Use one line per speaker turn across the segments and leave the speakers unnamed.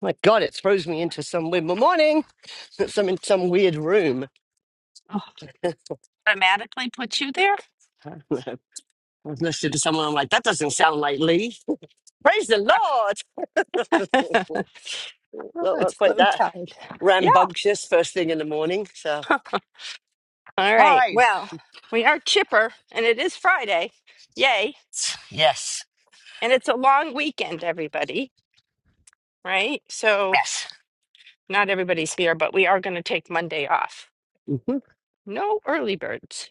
My God, it throws me into some weird. morning, I'm in some weird room.
Oh, automatically put you there?
I was listening to someone. I'm like, that doesn't sound like Lee. Praise the Lord.
Oh,
Not, not
it's
quite
low
that
tide. Yeah.
rambunctious first thing in the morning. So,
All
all
right.
right.
Well, we are chipper and it is Friday. Yay.
Yes.
And it's a long weekend, everybody, right? So
Yes.
not everybody's here, but we are going to take Monday off.
hmm
No early birds.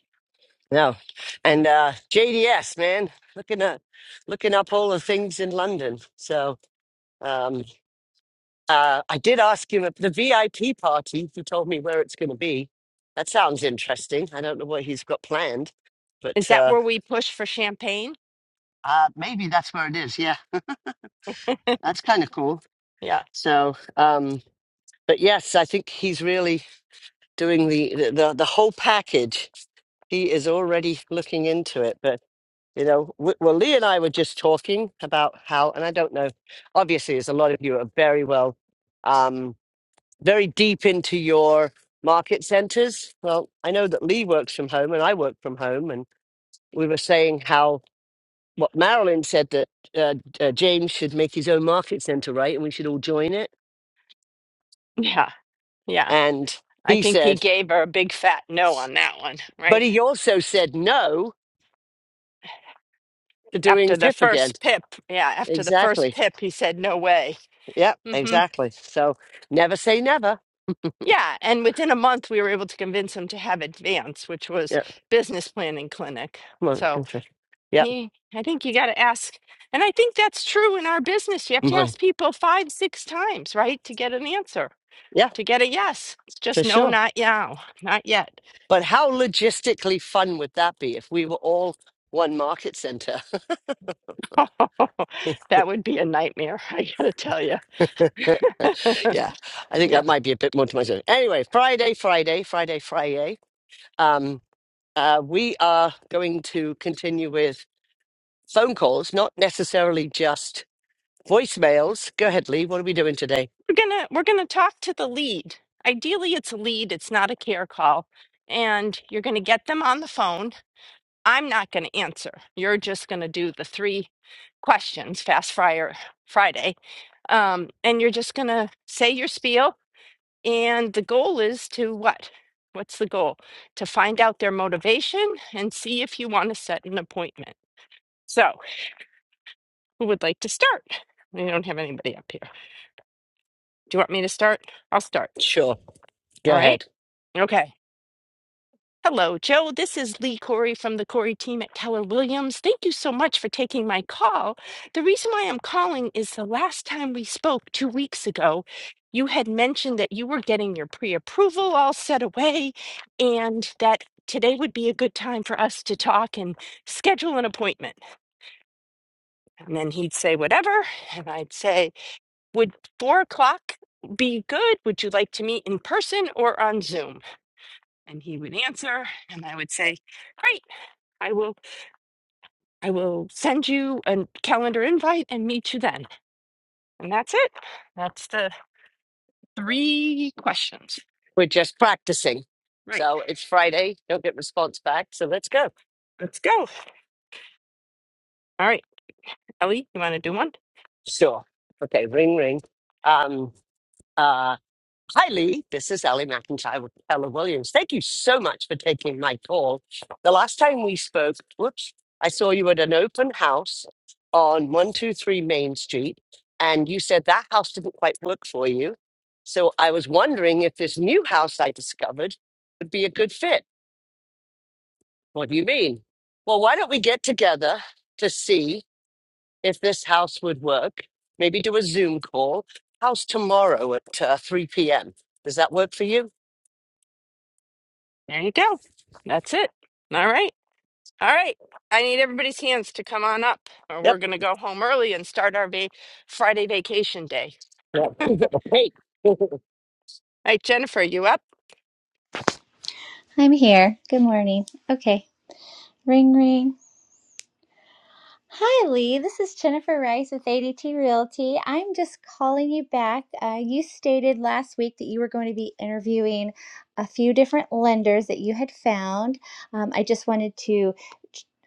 No. And uh, JDS, man, looking at looking up all the things in London. So. um, Uh, I did ask him at the VIP party. He told me where it's going to be. That sounds interesting. I don't know what he's got planned,
Is
but
that
uh,
where we push for champagne?
uh, maybe that's where it is. Yeah, that's kind of cool.
Yeah.
So, um, but yes, I think he's really doing the, the the the whole package. He is already looking into it. But you know, w- well, Lee and I were just talking about how, and I don't know. Obviously, as a lot of you are very well. Um, very deep into your market centers. Well, I know that Lee works from home and I work from home, and we were saying how what Marilyn said that uh, uh, James should make his own market center, right? And we should all join it.
Yeah. Yeah.
And
I
he
think he
said,
gave her a big fat no on that one,
but
right?
he also said no to doing
After the
PIP again.
first pip. Yeah. After the first
Exactly.
pip, he said, no way.
Yeah,
Mm-hmm.
exactly. So never say never.
Yeah, and within a month, we were able to convince him to have Advance, which was
Yeah,
business planning clinic.
come on.
So
go for it. Yeah,
he, I think you got to ask, and I think that's true in our business. You have
come
to ask people five, six times, right, to get an answer,
Yeah,
to get a yes. It's
for
just no,
sure.
not now, not yet.
But how logistically fun would that be if we were all one market center?
that would be a nightmare, I gotta tell you.
yeah, I think
Yeah.
that might be a bit more to myself. Anyway, Friday, Friday, Friday, Friday. Um, uh, we are going to continue with phone calls, not necessarily just voicemails. Go ahead, Lee. What are we doing today?
We're gonna we're gonna talk to the lead. Ideally, it's a lead, it's not a care call. And you're gonna get them on the phone I'm not going to answer. You're just going to do the three questions, Fast Friar Friday. Um, and you're just going to say your spiel. And the goal is to what? What's the goal? To find out their motivation and see if you want to set an appointment. So, who would like to start? We don't have anybody up here. Do you want me to start? I'll start.
Sure,
All
go
right.
ahead.
Okay. Hello, Joe. This is Lee Corey from the Corey team at Keller Williams. Thank you so much for taking my call. The reason why I'm calling is the last time we spoke two weeks ago, you had mentioned that you were getting your pre approval all set away and that today would be a good time for us to talk and schedule an appointment. And then he'd say, whatever. And I'd say, would four o'clock be good? Would you like to meet in person or on Zoom? and he would answer and i would say great i will i will send you a calendar invite and meet you then and that's it that's the three questions
We're just practicing.
right
So it's Friday. Don't get response back. So let's go.
let's go all right ellie you want to do one
Sure. Okay. Ring, ring. Um. uh, Hi, Lee. This is Ellie McIntyre with Keller Williams. Thank you so much for taking my call. The last time we spoke, whoops, I saw you at an open house on 123 Main Street, and you said that house didn't quite work for you. So I was wondering if this new house I discovered would be a good fit. What do you mean? Well, why don't we get together to see if this house would work? Maybe do a Zoom call. House tomorrow at uh, 3 p.m. Does that work for you?
there you go that's it all right all right i need everybody's hands to come on up or we're going to go home early and start our va- friday vacation day
Yeah, who's the cake?
all right jennifer you up
I'm here. Good morning. Okay. Ring ring. Hi Lee, this is Jennifer Rice with ADT Realty. I'm just calling you back. Uh, you stated last week that you were going to be interviewing a few different lenders that you had found. Um, I just wanted to.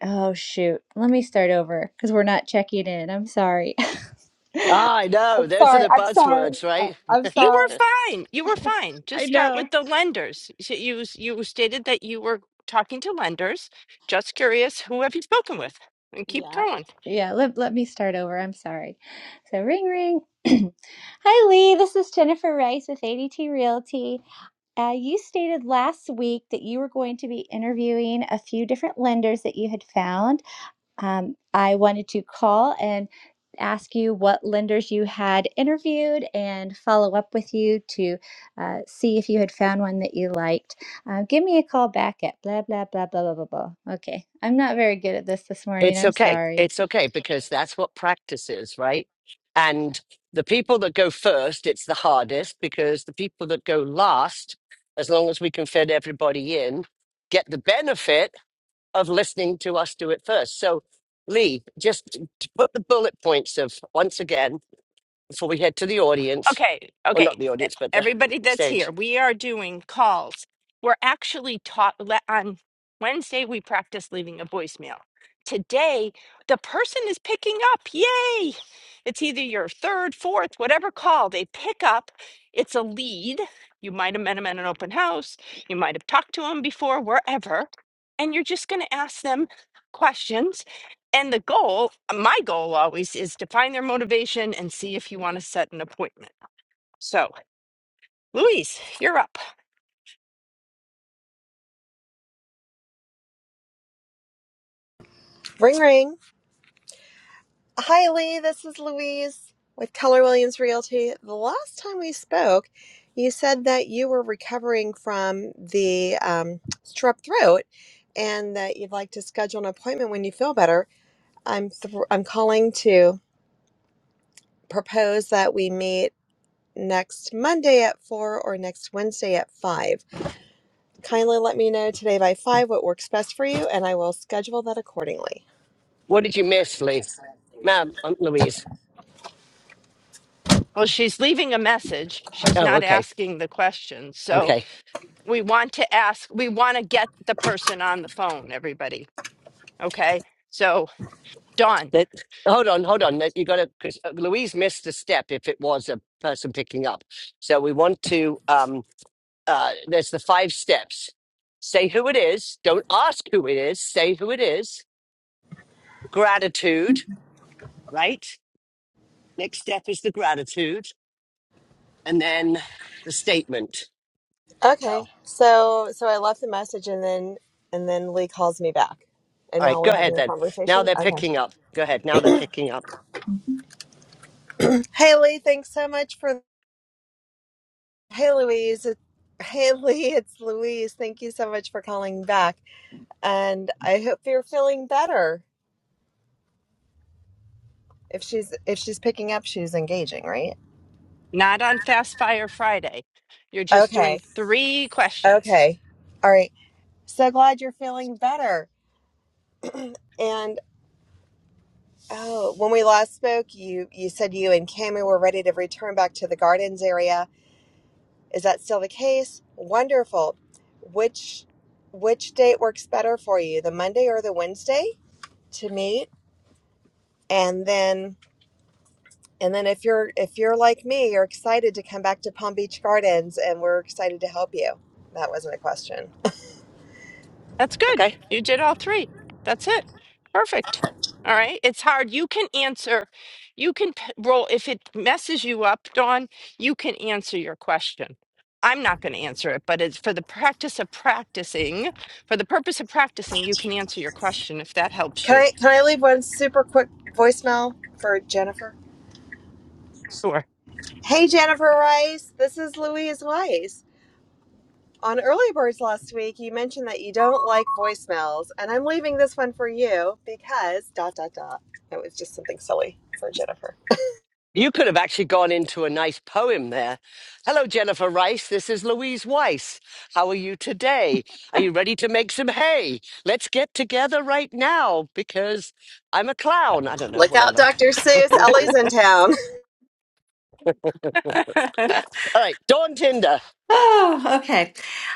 Oh shoot, let me start over because we're not checking in. I'm sorry. I'm
I know. Those are
sorry.
the
I'm sorry.
buzzwords,
Uh,
right?
I'm
You were
sorry.
fine. You were fine. Just
I
start
know.
with the lenders. So You you stated that you were talking to lenders. Just curious who have you spoken with? And keep
Yeah.
going.
Yeah, let, let me start over. I'm sorry. So, ring ring. Hi, Lee. This is Jennifer Rice with ADT Realty. Uh, you stated last week that you were going to be interviewing a few different lenders that you had found. Um, I wanted to call and ask you what lenders you had interviewed and follow up with you to uh, see if you had found one that you liked. Uh, give me a call back at blah, blah, blah, blah, blah, blah, blah. Okay. I'm not very good at this this morning.
It's
I'm
okay.
sorry.
It's okay because that's what practice is, right? And the people that go first, it's the hardest because the people that go last, as long as we can fit everybody in, get the benefit of listening to us do it first. So, Lee, just t- to put the bullet points of once again before we head to the audience,
Okay,
or
okay.
not the
e-
audience, but the
Everybody that's here,
stage.
we are doing calls. We're actually taught le- on Wednesday, we practice leaving a voicemail. Today, the person is picking up. Yay! It's either your third, fourth, whatever call they pick up. It's a lead. You might have met them at an open house. You might have talked to them before, wherever. And you're just going to ask them questions. And the goal, my goal always, is to find their motivation and see if you want to set an appointment. So, Louise, you're up.
Ring ring. Hi Lee, this is Louise with Keller Williams Realty. The last time we spoke, you said that you were recovering from the um, strep throat and that you'd like to schedule an appointment when you feel better. I'm thr I'm calling to propose that we meet next Monday at 4 or next Wednesday at 5. Kindly let me know today by 5 what works best for you and I will schedule that accordingly.
What did you miss, Lee? Ma'am, I'm Louise.
Well, she's leaving a message. She's
Oh,
not
okay,
asking the question. So,
okay.
we want to ask, we want to get the person on the phone, everybody. Okay. So, Dawn,
That hold on, hold on. That you got to. Louise missed a step if it was a person picking up. So we want to. Um, uh, there's the five steps. Say who it is. Don't ask who it is. Say who it is. Gratitude, right? Next step is the gratitude, and then the statement. Oh,
Okay.
all
So so I left the message and then and then Lee calls me back. And
right.
now
Go
we're
ahead
having a
then. Now
conversation.
they're
Okay.
picking up. Go ahead. Now they're picking up.
Hey Lee, thanks so much for Hey Louise. It- Hey Lee, it's Louise. Thank you so much for calling back. And I hope you're feeling better. If she's if she's picking up, she's engaging, right?
not on Fast Fire Friday. You're just doing
Okay.
three questions.
Okay. All right. So glad you're feeling better. And oh, when we last spoke, you you said you and Cami were ready to return back to the gardens area Is that still the case? Wonderful. Which which date works better for you, the Monday or the Wednesday to meet? And then and then if you're if you're like me, you're excited to come back to Palm Beach Gardens and we're excited to help you. That wasn't a question.
That's
okay?
good. You did all three. That's it. Perfect. All right. It's hard. You can answer. You can p- roll. If it messes you up, Dawn, you can answer your question. I'm not going to answer it, but it's for the practice of practicing, for the purpose of practicing, you can answer your question if that helps
Can
you.
I can I leave one super quick voicemail for Jennifer?
Sure.
Hey Jennifer Rice, this is Louise Weiss. On Early Birds last week, you mentioned that you don't like voicemails, and I'm leaving this one for you because dot dot dot. It was just something silly for Jennifer.
You could have actually gone into a nice poem there. Hello, Jennifer Rice. This is Louise Weiss. How are you today? Are you ready to make some hay? Let's get together right now because I'm a clown. I don't know,
Look out,
whatever.
Dr. Seuss. Ellie's in town.
All right, Dawn Tinder.
Oh, okay.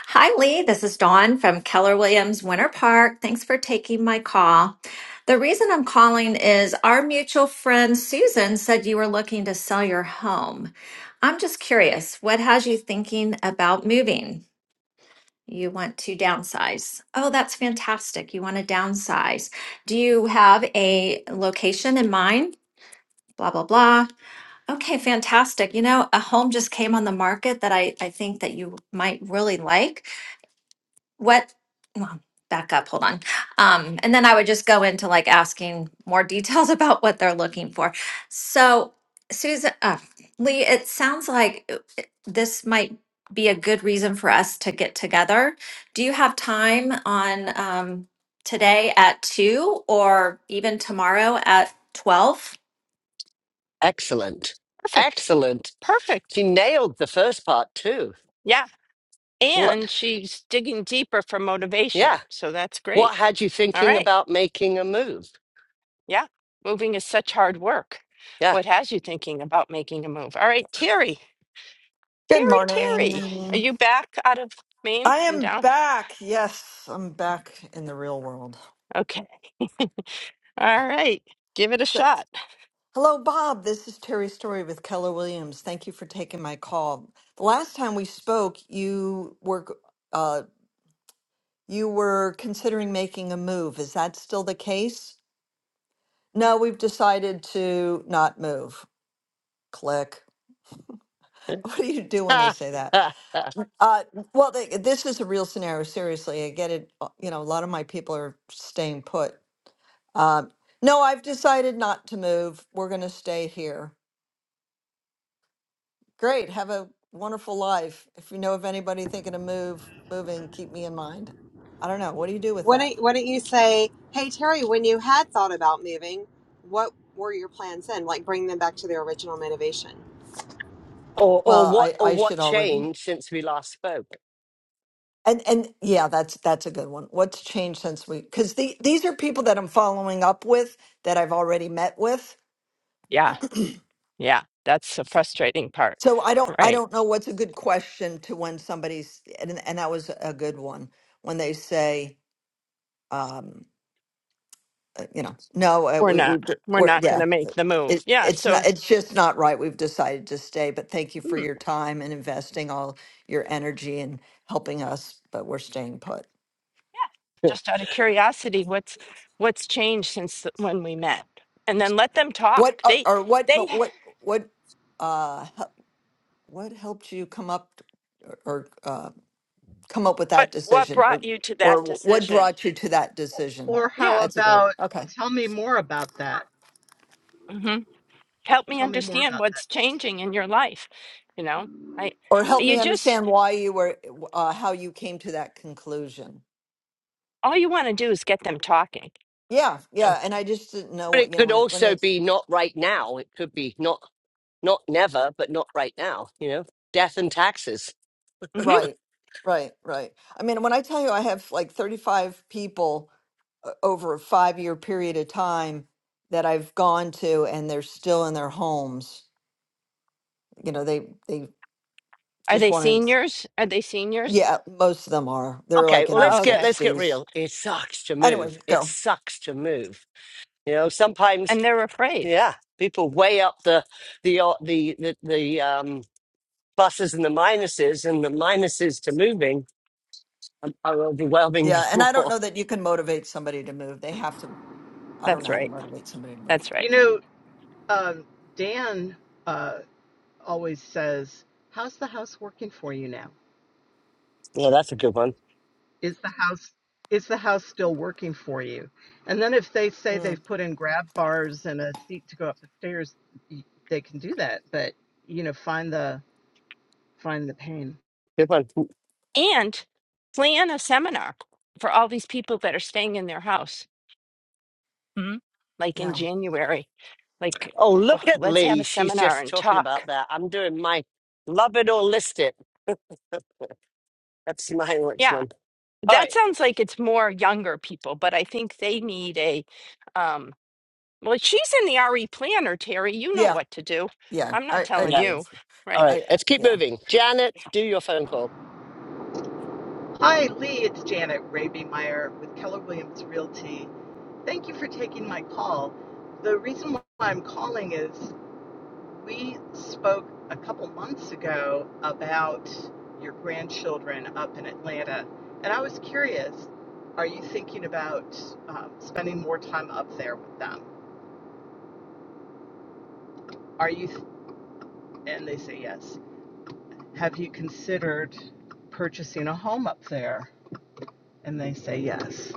Hi, Lee. This is Dawn from Keller Williams Winter Park. Thanks for taking my call. The reason I'm calling is our mutual friend Susan said you were looking to sell your home. I'm just curious, what has you thinking about moving? You want to downsize. Oh, that's fantastic. You want to downsize. Do you have a location in mind? Blah, blah, blah. Okay, fantastic. You know, a home just came on the market that I, I think that you might really like. What, well, back up, hold on. Um, and then I would just go into like asking more details about what they're looking for. So, Susan, uh, Lee, it sounds like uh, it- this might be a good reason for us to get together. Do you have time on um, today at two or even tomorrow at 12?
Excellent.
Perfect.
Excellent. She
Perfect.
nailed the first part too.
Yeah. And
What?
she's digging deeper for
Yeah.
motivation. So that's
What
great.
had you
All
thinking
right.
about making a move?
Yeah, moving is such hard work.
Yeah.
What has you thinking about making a move? All right, Terry,
Good
Terry, Terry, are
morning.
you back out of Maine
I
and
am
down?
back. Yes, I'm back in the real world.
Okay, all right, give it a
So,
shot.
hello, Bob. This is Terry Story with Keller Williams. Thank you for taking my call. The last time we spoke, you were uh, you were considering making a move. Is that still the case? No, we've decided to not move. Click. What do you do when they say that?
or,
Uh, well, they, this is a real scenario. Seriously, I get it. uh, You know, a lot of my people are staying put Um, no, I've decided not to move. We're going to stay here. Great. Have a wonderful life. If you know of anybody thinking of move, moving, keep me in mind. I don't know. What do you do with
Why
that?
don't, why don't you say, hey, Terry, when you had thought about moving, what were your plans then? Like, bring them back to their original motivation.
or
Well,
what
I,
or
I
what
should already.
changed since we last spoke?
And and yeah, that's that's a good one. What's changed since we? Because the, these are people that I'm following up with that I've already met with.
Yeah, yeah, that's the frustrating part,
So I don't I
right?
don't know what's a good question to when somebody's and and that was a good one when they say. um, uh, you know, no, uh,
We're
we, we,
not, we're
we're,
not going
yeah,
to
uh,
make the move.
it,
Yeah,
it's not,
so
it's just not right. We've decided to stay, but thank you for
hmm,
your time and investing all your energy and helping us, but we're staying put.
just out of curiosity, what's what's changed since the- when we met? And then let them
What,
talk.
uh,
They,
or what,
they,
mo- what, what, uh, hel- what helped you come up t- or, or, uh, come up with
what
that
what
decision
brought
or,
you to that
or what
decision?
brought you to that decision?
Or
Yeah.
how
That's a good one.
about
Okay.
tell me more about that?
mm-hmm. help me
Tell me more
understand
about that.
what's changing in your life. You know, I
Or help
you
me
just
understand why you were, uh, how you came to that conclusion.
all you want to do is get them talking.
Yeah, yeah, and I just didn't know
But
what
it
you know
could
when when
also
they
be not right now. It could be not not never, but not right now. You know, death and taxes.
hmm
right, right, right. I mean, when I tell you I have like 35 people uh, over a five year period of time that I've gone to, and they're still in their homes. You know, they they
Are
just
they
want to.
seniors? Are they seniors?
Yeah, most of them are. They're
Okay,
like
well
in their
let's
Oh,
get
okay.
let's get
60s.
real. It sucks to
Anyway,
move. It
go.
sucks to move. You know, sometimes
And they're afraid.
yeah, people weigh up the the uh, the the, the um, pluses and the minuses, and the minuses to moving are are overwhelming
Yeah, and I don't
more.
know that you can motivate somebody to move. They have to. I don't
That's
know how to
right.
motivate somebody to move.
That's right.
You know, um, Dan uh, always says, "How's the house working for you now?
Yeah, that's a good one.
Is the house is the house still working for you?" And then if they say
Mm,
they've put in grab bars and a seat to go up the stairs, y- they can do that. But you know, find the find the pain.
Good one.
And plan a seminar for all these people that are staying in their house, Mhm. like in
yeah,
January. Like,
Oh,
w-
look
w-
at
let's have
Lee.
a
She's
seminar
just
and
talking about
talk.
that. I'm doing my love it or list it. That's my next
Yeah,
one. All
that
right.
sounds like it's more younger people, but I think they need a um, Well, if she's in the RE planner, Terry. You know
yeah,
what to do.
yeah.
I'm not
I I
telling
Yeah.
do.
you.
All
Right.
I
right.
I-
Let's keep
yeah.
moving. Janet, do your phone call.
Hi, Lee. It's Janet Raby Meyer with Keller Williams Realty. Thank you for taking my call. The reason why I'm calling is We spoke a couple months ago about your grandchildren up in Atlanta, and I was curious are you thinking about um, spending more time up there with them? Are you, th- and they say yes. Have you considered purchasing a home up there? And they say yes.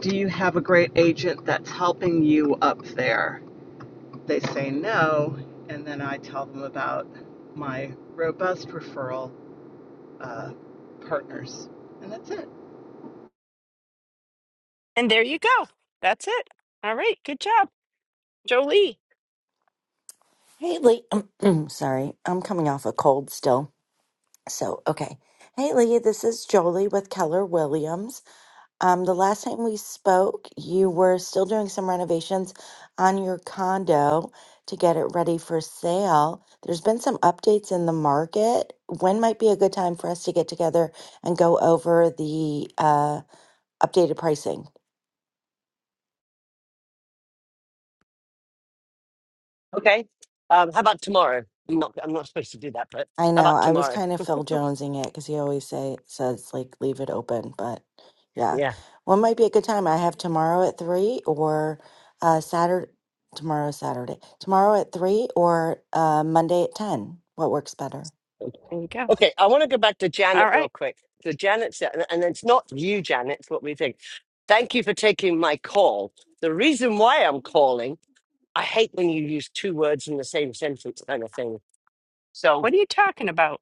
Do you have a great agent that's helping you up there? They say no, and then I tell them about my robust referral uh, partners. And that's it.
And there you go. That's it. All right. Good job, Jolie.
Hey, Lee. sorry, I'm coming off a cold still. So, okay. Hey, Lee, this is Jolie with Keller Williams. Um, the last time we spoke, you were still doing some renovations on your condo to get it ready for sale. There's been some updates in the market. When might be a good time for us to get together and go over the uh, updated pricing?
Okay. Um, how about tomorrow? I'm not, I'm not supposed to do that, but
I
how
know.
about
I was
tomorrow?
kind of Phil Jonesing it because he always say says like leave it open, but yeah,
Yeah.
one might be a good time. I have tomorrow at three or uh Saturday. Tomorrow Saturday. Tomorrow at three or uh Monday at ten. What works better?
There you go.
Okay, I want to go back to
All
Janet real
right.
quick. So Janet said, and and it's not you, Janet, it's what we think. Thank you for taking my call. The reason why I'm calling, I hate when you use two words in the same sentence kind of thing. So,
What are you talking about?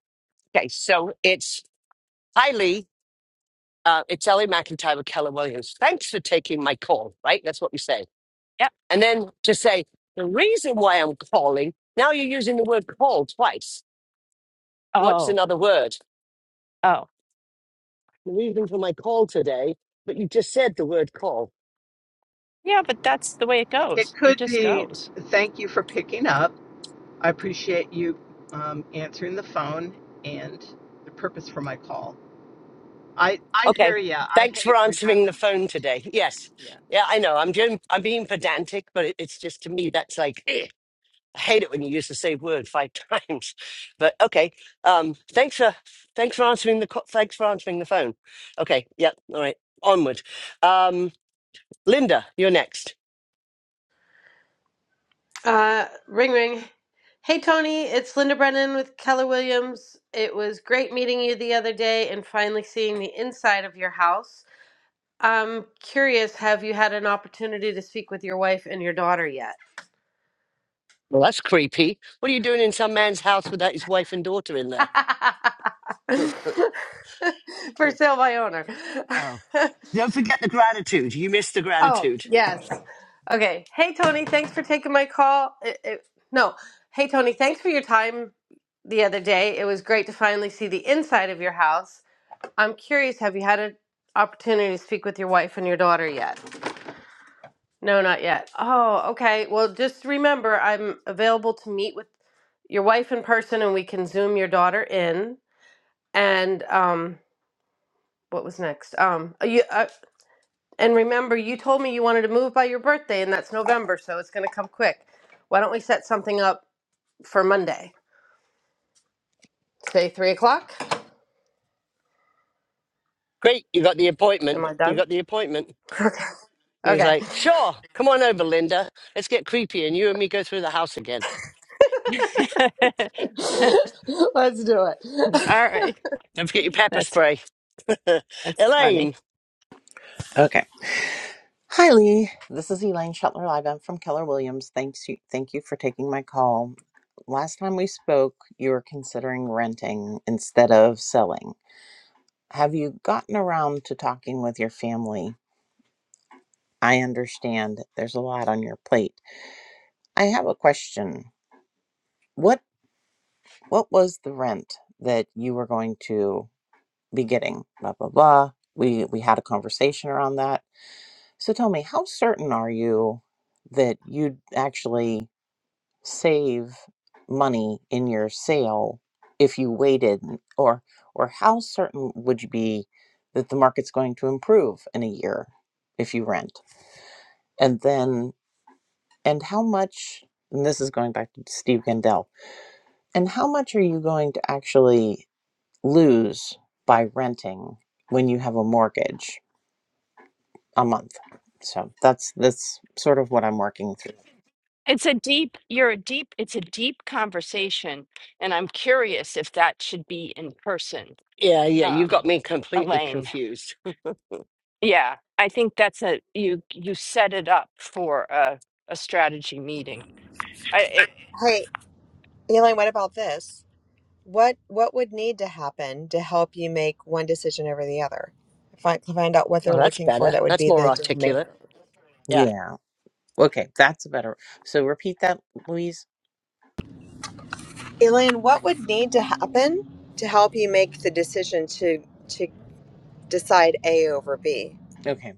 okay, so it's, hi Lee, uh, it's Ellie McIntyre with Keller Williams. Thanks for taking my call, right? That's what you say.
Yeah.
And then to say, the reason why I'm calling, now you're using the word call twice. What's
Oh,
another word?
oh.
The reason for my call today, but you just said the word call.
Yeah, but that's the way it
It
goes. It
could
just
be
goes.
thank you for picking up. I appreciate you um, answering the phone and the purpose for my call. I, I hear
Okay.
ya. I
Thanks for
hate
answering the
redundancies
phone
too.
today. Yes.
Yeah.
Yeah, I know. I'm doing, I'm being pedantic, but it, it's just to me that's like eh. I hate it when you use the same word five times. But okay. Um thanks for thanks for answering the co- thanks for answering the phone. Okay. Yep. All right. Onward. Um Linda, you're next.
Uh, ring ring. Hey Tony, it's Linda Brennan with Keller Williams. It was great meeting you the other day and finally seeing the inside of your house. I'm curious, have you had an opportunity to speak with your wife and your daughter yet?
Well, that's creepy. What are you doing in some man's house without his wife and daughter in there?
For sale by owner.
Oh. Don't forget the gratitude. You missed the
oh,
gratitude.
yes. Okay. Hey Tony, thanks for taking my call. It, it, no. Hey Tony, thanks for your time the other day. It was great to finally see the inside of your house. I'm curious, have you had an opportunity to speak with your wife and your daughter yet? No, not yet. Oh, okay. Well, just remember, I'm available to meet with your wife in person and we can Zoom your daughter in. And um, what was next? Um, uh, you, uh, and remember, you told me you wanted to move by your birthday, and that's November, so it's going to come quick. Why don't we set something up for Monday? Say three o'clock?
Great. You got the
Am
appointment.
I
You
done?
got the appointment. he was
Okay.
like, sure, come on over, Linda. Let's get creepy and you and me go through the house again.
All
Okay. Let's do it.
right.
Don't forget your pepper
That's
spray.
that's funny.
Elaine.
Okay. Hi, Lee. This is Elaine Shetler Live. I'm from Keller Williams. Thanks you. Thank you for taking my call. Last time we spoke, you were considering renting instead of selling. Have you gotten around to talking with your family? I understand there's a lot on your plate. I have a question. What what was the rent that you were going to be getting? Blah blah blah. We we had a conversation around that. So tell me, how certain are you that you'd actually save money in your sale if you waited or or how certain would you be that the market's going to improve in a year if you rent and then and how much and this is going back to Steve Gandell and how much are you going to actually lose by renting when you have a mortgage a month so that's that's sort of what I'm working through
It's a deep, you're a deep, it's a deep conversation. And I'm curious if that should be in person,
Yeah, yeah, you got
um,
me completely
Elaine.
confused.
Yeah, I think that's a you you set it up for a a strategy meeting. I it
Hey, Elaine, what about this? What what would need to happen to help you make one decision over the other? Find find out what they're
Well, that's
looking for
better.
that would
That's
be
more
the deal maker.
articulate. Yeah,
yeah okay that's better so repeat that Louise
Elaine, what would need to happen to help you make the decision to to decide A over B?
okay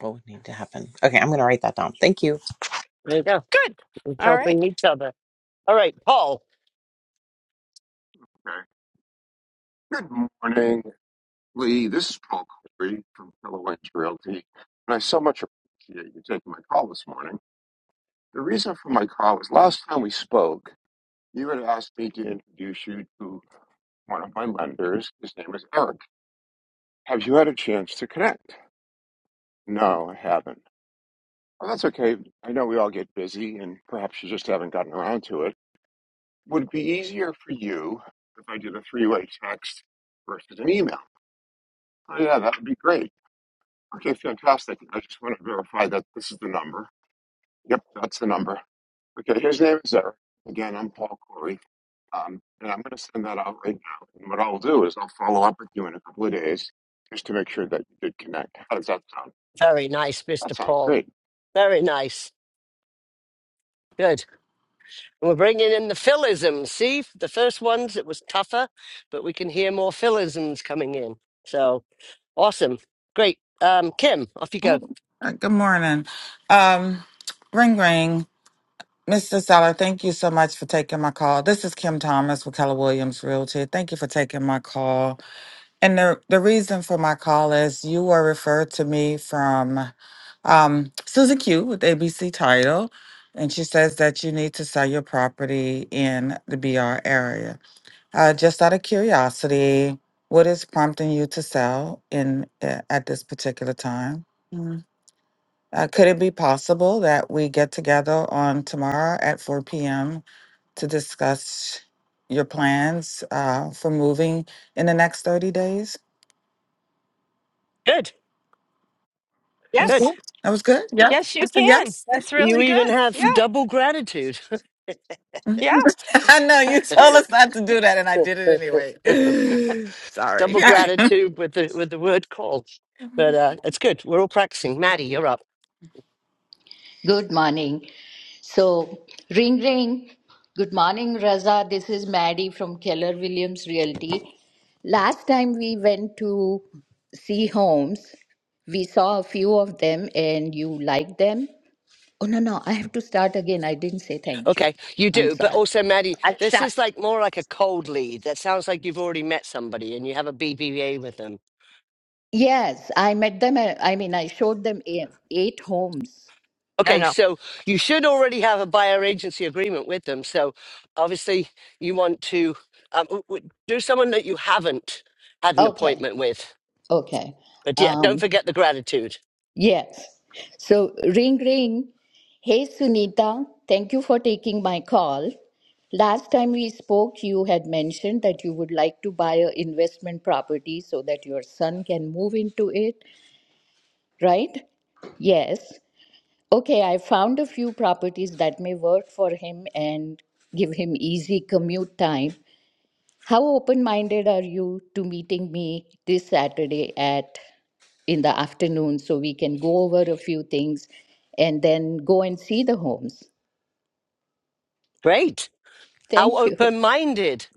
what would need to happen? Okay, I'm going to write that down. Thank you.
there you go.
good.
We're
All right.
helping each other. All right, Paul.
Okay. Good morning, Lee. This is Paul Corey from Fellow Edge Realty, and I so much appreciate you taking my call this morning. The reason for my call is last time we spoke, you had asked me to introduce you to one of my lenders. His name is Eric. Have you had a chance to connect? No, I haven't. Well, that's okay. I know we all get busy, and perhaps you just haven't gotten around to it. Would it be easier for you if I did a three-way text versus an email? Oh, yeah, that would be great. Okay, fantastic. I just want to verify that this is the number. Yep, that's the number. Okay, his name is Eric. Again, I'm Paul Corey. Um, and I'm going to send that out right now. And what I'll do is I'll follow up with you in a couple of days just to make sure that you did connect. How does that sound?
Very nice,
That
Mr.
sounds
Paul.
great.
Very nice. Good. And we're bringing in the philisms. See, the first ones, it was tougher, but we can hear more philisms coming in. So awesome. Great. Um, Kim, off you go.
Uh, Good morning. Um, ring ring. Mr. Seller, thank you so much for taking my call. This is Kim Thomas with Keller Williams Realty. Thank you for taking my call. And the, the reason for my call is you were referred to me from um, Susan Q with ABC Title, and she says that you need to sell your property in the BR area. Uh, just out of curiosity, what is prompting you to sell in uh, at this particular time? Uh, could it be possible that we get together on tomorrow at 4 p.m. to discuss your plans uh, for moving in the next 30 days?
Good,
That was
good.
Yes.
good. That was good. Yeah.
Yes,
I
you
said
can.
yes.
That's
You
really
even
good. Yeah.
have
Mhm.
double gratitude,
Yeah,
I know you
that's good.
told us not to do that, and I did it anyway. Sorry.
double
All right.
gratitude with the with the word call. But uh, it's good. We're all practicing. Maddie, you're up.
Good morning. So, ring ring. Good morning, Raza. This is Maddie from Keller Williams Realty. Last time we went to see homes, we saw a few of them and you liked them. Oh, no, no. I have to start again. I didn't say thank you.
Okay, you
I'm
do. But
sorry.
also, Maddie,
I'll
this
start.
is like more like a cold lead. That sounds like you've already met somebody and you have a BBA with them.
Yes, I met them. uh, I mean, I showed them eight eight homes.
No,
Okay,
no.
so you should already have a buyer agency agreement with them. So obviously, you want to um, w- w- do someone that you haven't had an
Okay.
appointment with.
Okay.
But yeah, don't
Um,
forget the gratitude.
Yes. So, ring ring. Hey, Sunita, thank you for taking my call. Last time we spoke, you had mentioned that you would like to buy an investment property so that your son can move into it, right? Yes. Okay, I found a few properties that may work for him and give him easy commute time. How open minded are you to meeting me this Saturday at in the afternoon so we can go over a few things and then go and see the homes.
Great. How
Thank you.
open minded.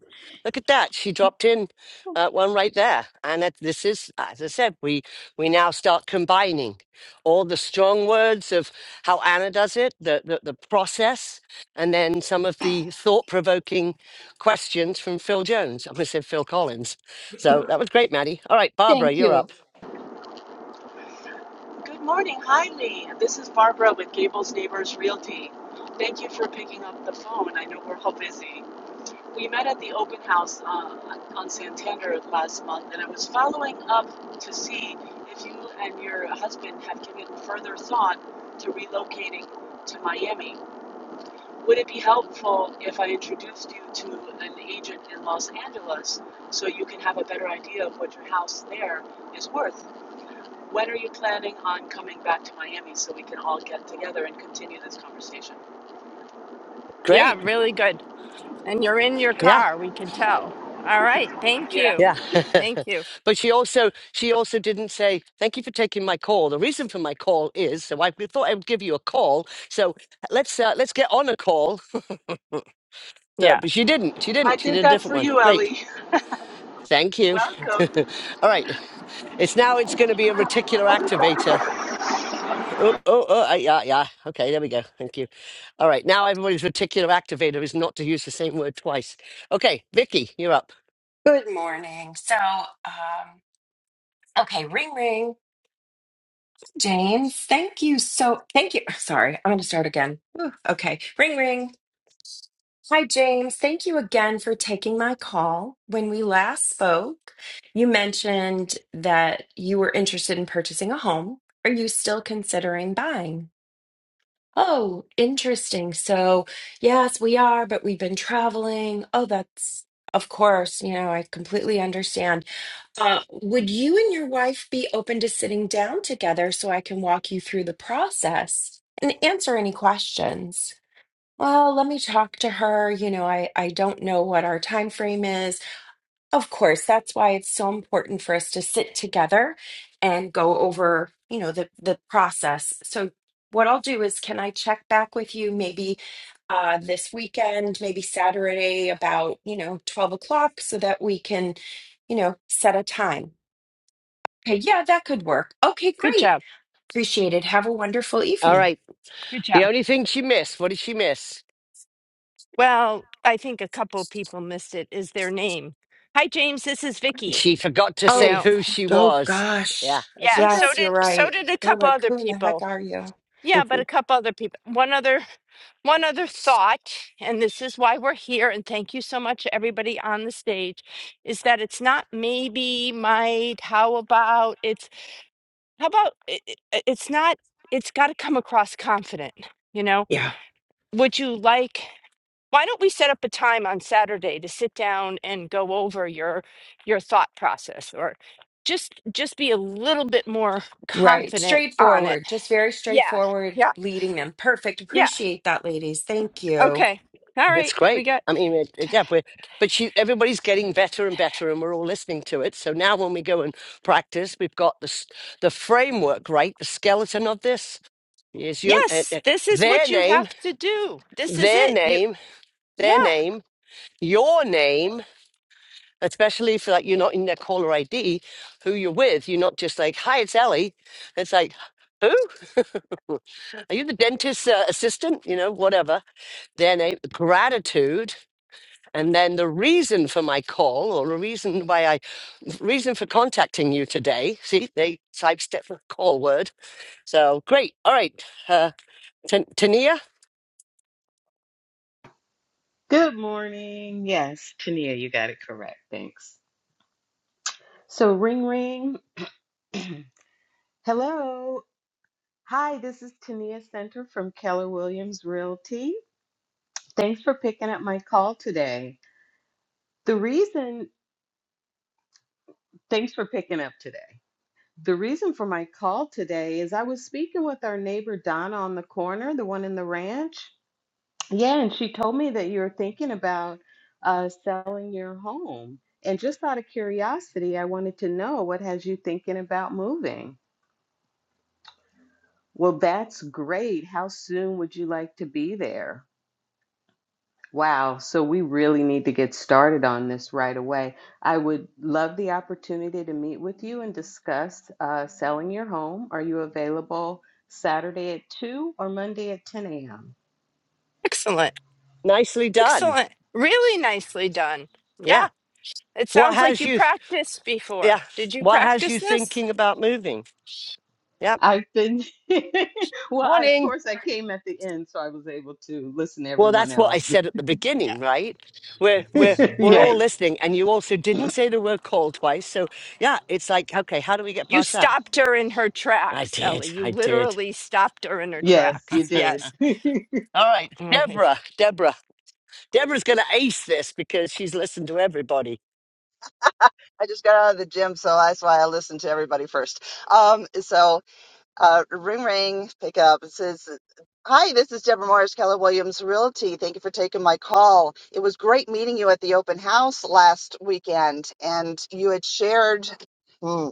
Look at that. She dropped in uh, one right there. And that, this is, as I said, we, we now start combining all the strong words of how Anna does it, the, the, the process, and then some of the thought provoking questions from Phil Jones. I am going to say Phil Collins. So that was great, Maddie. All right, Barbara,
Thank
you're
you.
up.
Good morning. Hi, Lee. This is Barbara with Gables Neighbors Realty. Thank you for picking up the phone. I know we're all busy. We met at the open house uh, on Santander last month, and I was following up to see if you and your husband have given further thought to relocating to Miami. Would it be helpful if I introduced you to an agent in Los Angeles so you can have a better idea of what your house there is worth? When are you planning on coming back to Miami so we can all get together and continue this conversation?
Yeah,
Great.
really good. And you're in your
Yeah.
Yes.
car, we can tell. All right. Thank
Yeah,
you.
Yeah.
Thank you.
but she also she also didn't say, Thank you for taking my call. The reason for my call is so I thought I would give you a call. So let's uh, let's get on a call. So,
Yeah.
but she didn't. She
I
didn't. She
did
did a
that
different
for
one.
you,
Great.
Ellie.
Thank you.
Welcome.
All right. It's now it's gonna be a reticular activator Oh, oh, oh, uh, yeah, yeah. Okay, there we go. Thank you. All right, now everybody's reticular activator is not to use the same word twice. Okay, Vicky, you're up.
Good morning. So, um, okay, ring ring. James, thank you so thank you. Sorry, I'm going to start again. Whew, Okay, ring ring. Hi, James. Thank you again for taking my call. When we last spoke, you mentioned that you were interested in purchasing a home. Are you still considering buying? Oh, interesting. So, yes, we are, but we've been traveling. Oh, that's, of course, you know, I completely understand. Uh, would you and your wife be open to sitting down together so I can walk you through the process and answer any questions? Well, let me talk to her. You know, I, I don't know what our time frame is. Of course, that's why it's so important for us to sit together and go over, you know, the, the process. So what I'll do is can I check back with you maybe uh, this weekend, maybe Saturday about, you know, 12 o'clock so that we can, you know, set a time. Okay, yeah, that could work. Okay,
Good
great.
job.
Appreciate it. Have a wonderful
All
evening.
right.
Good
The
job.
only thing she missed, what did she miss?
Well, I think a couple of people missed it is their name. Hi James, this is Vicky.
She forgot to
You
say
Oh,
know.
who she
oh
was.
gosh.
Yeah, that's
Yeah,
so
so
Yes,
good.
you're
did so
right.
did a
They're
couple
like,
other
who in the heck
people.
are you?
Yeah, but
Mhm.
a couple other people. One other one other thought, and this is why we're here, and thank you so much everybody on the stage, is that it's not maybe, might, how about, it's how about i- i- it's not it's got to come across confident, you know?
Yeah,
Would you like why don't we set up a time on Saturday to sit down and go over your your thought process or just just be a little bit more
right.
confident on it.
Straightforward, just very
Yeah.
straightforward,
Yeah.
leading them. Perfect.
Yeah.
Appreciate that, ladies. Thank you.
Okay. All
That's
right. We
great.
got,
I mean, it, it, yeah, we're, but she, everybody's getting better and better, and we're all listening to it. So now, when we go and practice, we've got the s- the framework, right? The skeleton of this is your uh,
yes,
uh,
this is
their
what you
name,
have to do. This is
their
it. You,
name. their
yeah.
name, your name, especially if like you're not in their caller ID, who you're with. You're not just like, "Hi, it's Ellie." It's like, who? Are you the dentist's uh, assistant? You know, whatever. Their name, gratitude, and then the reason for my call or the reason why I, reason for contacting you today. See, they sidestep the call word. So great. All right, uh, Tan- Tania,
Good morning. Yes, Tania, you got it correct. Thanks. So, ring ring. Hello. Hi, this is Tania Center from Keller Williams Realty. Thanks for picking up my call today. The reason, thanks for picking up today. The reason for my call today is I was speaking with our neighbor Donna on the corner, the one in the ranch. Yeah, and she told me that you are thinking about uh, selling your home. And just out of curiosity, I wanted to know what has you thinking about moving? Well, that's great. How soon would you like to be there? Wow, so we really need to get started on this right away. I would love the opportunity to meet with you and discuss uh, selling your home. Are you available Saturday at 2 or Monday at 10 a.m.?
Excellent.
nicely done.
Excellent. Really nicely done.
Yeah.
Yeah. It
What
sounds like
has
you
you?
practiced
Yeah.
before. Did you
What has you
practice this?
thinking about moving? Yep.
I've been, well, I, of
Morning.
course, I came at the end, so I was able to listen to
Well,
everyone
that's what I
else.
said at the
Yeah.
beginning, right? We're we're we're all
Right.
yes,
listening, and you also didn't say the word call twice. So yeah, it's like, okay, how do we get
You
past that?
stopped her in her
I
tracks,
did,
Ellie. You
I did.
literally stopped her in her
yes, you
tracks.
did.
Yes.
All right,
All right.
Deborah, Deborah, Deborah's going to ace this because she's listened to everybody,
I just got out of the gym, so that's why I listened to everybody first. Um, so uh, ring ring, pick up. It says, "Hi, this is Deborah Morris, Keller Williams Realty. Thank you for taking my call. It was great meeting you at the open house last weekend, and you had shared, Hmm,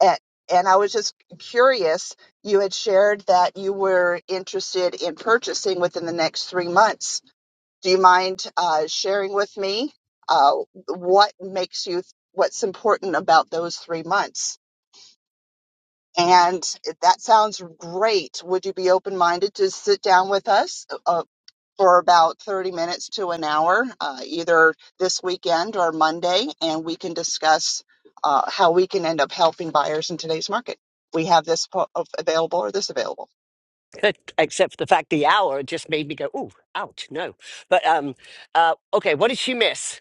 and, and I was just curious. You had shared that you were interested in purchasing within the next three months. Do you mind uh, sharing with me uh, what makes you, what's important about those three months? And if that sounds great. Would you be open minded to sit down with us uh, for about 30 minutes to an hour, uh, either this weekend or Monday, and we can discuss uh, how we can end up helping buyers in today's market? We have this po- of- available or this available.
except for the fact the hour just made me go, "Ooh, ouch, no." But um, uh, okay, what did she miss?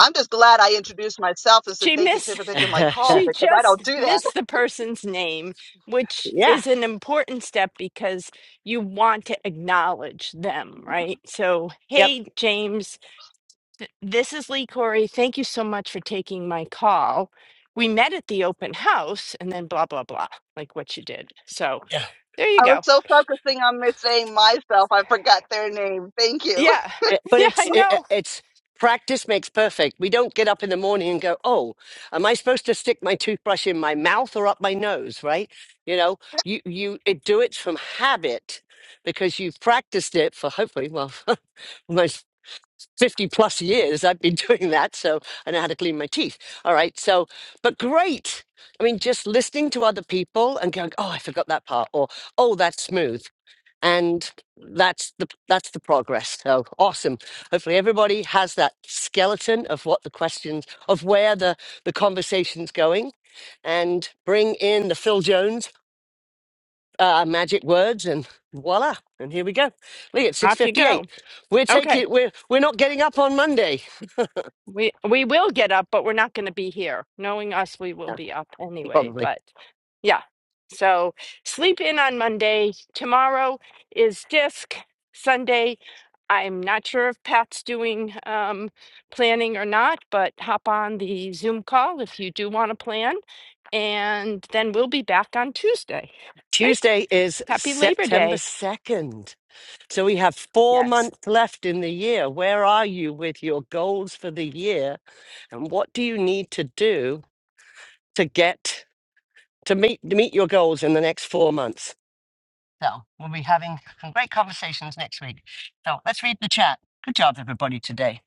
I'm just glad I introduced myself and said
She
thank you, Tiff,
missed
for taking my
yeah,
call
she
because I don't
just
do that.
missed the person's name, which is an important step because you want to acknowledge them, right? So,
yep.
hey, James, this is Lee Corey. Thank you so much for taking my call. We met at the open house and then blah, blah, blah, like what you did. So, there you
I was
go.
so focusing on missing myself, I forgot their name. Thank you.
Yeah.
Eh, but
Yeah,
it's
I
it, it-
know.
it's practice makes perfect. We don't get up in the morning and go, "Oh, am I supposed to stick my toothbrush in my mouth or up my nose?" Right? You know, you you it, do it from habit because you've practiced it for hopefully well almost fifty plus years. I've been doing that, so I know how to clean my teeth. All right, so but great. I mean, just listening to other people and going, "Oh, I forgot that part," or "Oh, that's smooth." and that's the that's the progress so awesome hopefully everybody has that skeleton of what the questions of where the the conversation's going and bring in the phil jones uh, magic words and voila and here we go lee at
Off you
6.58
go.
we're
Okay.
taking we're we're not getting up on monday
We we will get up, but we're not going to be here. Knowing us, we will
Uh,
be up anyway.
probably
But yeah, so sleep in on Monday. Tomorrow is disc. Sunday, I'm not sure if Pat's doing um, planning or not, but hop on the Zoom call if you do want to plan, and then we'll be back on Tuesday. Right?
tuesday is
Happy Labor
september
Day.
2nd So we have four
Yes,
months left in the year. Where are you with your goals for the year? And what do you need to do to get to meet to meet your goals in the next four months? So we'll be having some great conversations next week. So let's read the chat. Good job, everybody, today.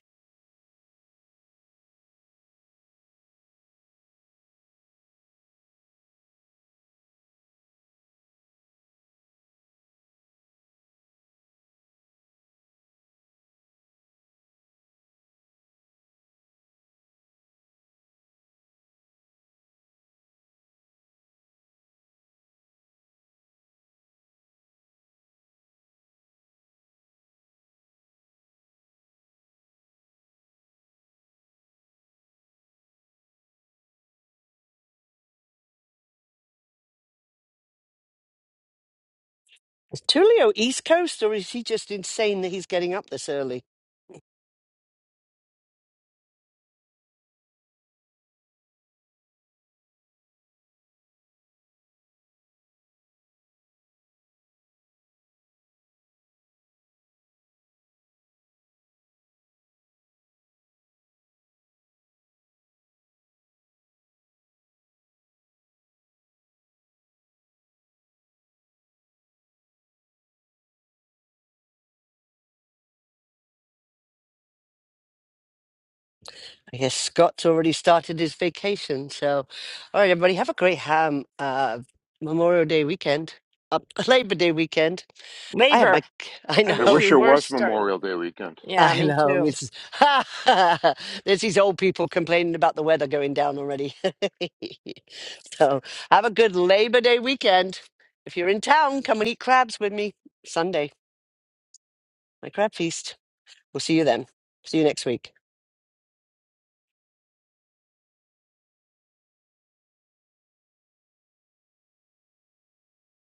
Is Tulio East Coast or is he just insane that he's getting up this early? I guess Scott's already started his vacation. So, all right, everybody, have a great ham uh, Memorial Day weekend, up Labor Day weekend. I have my,
Labor.
I
I
I
wish
know,
wish
we
it
were
was
starting.
Memorial Day weekend.
Yeah,
I
me
know,
too.
Mrs. There's these old people complaining about the weather going down already. so have a good Labor Day weekend. If you're in town, come and eat crabs with me Sunday, my crab feast. We'll see you then. See you next week.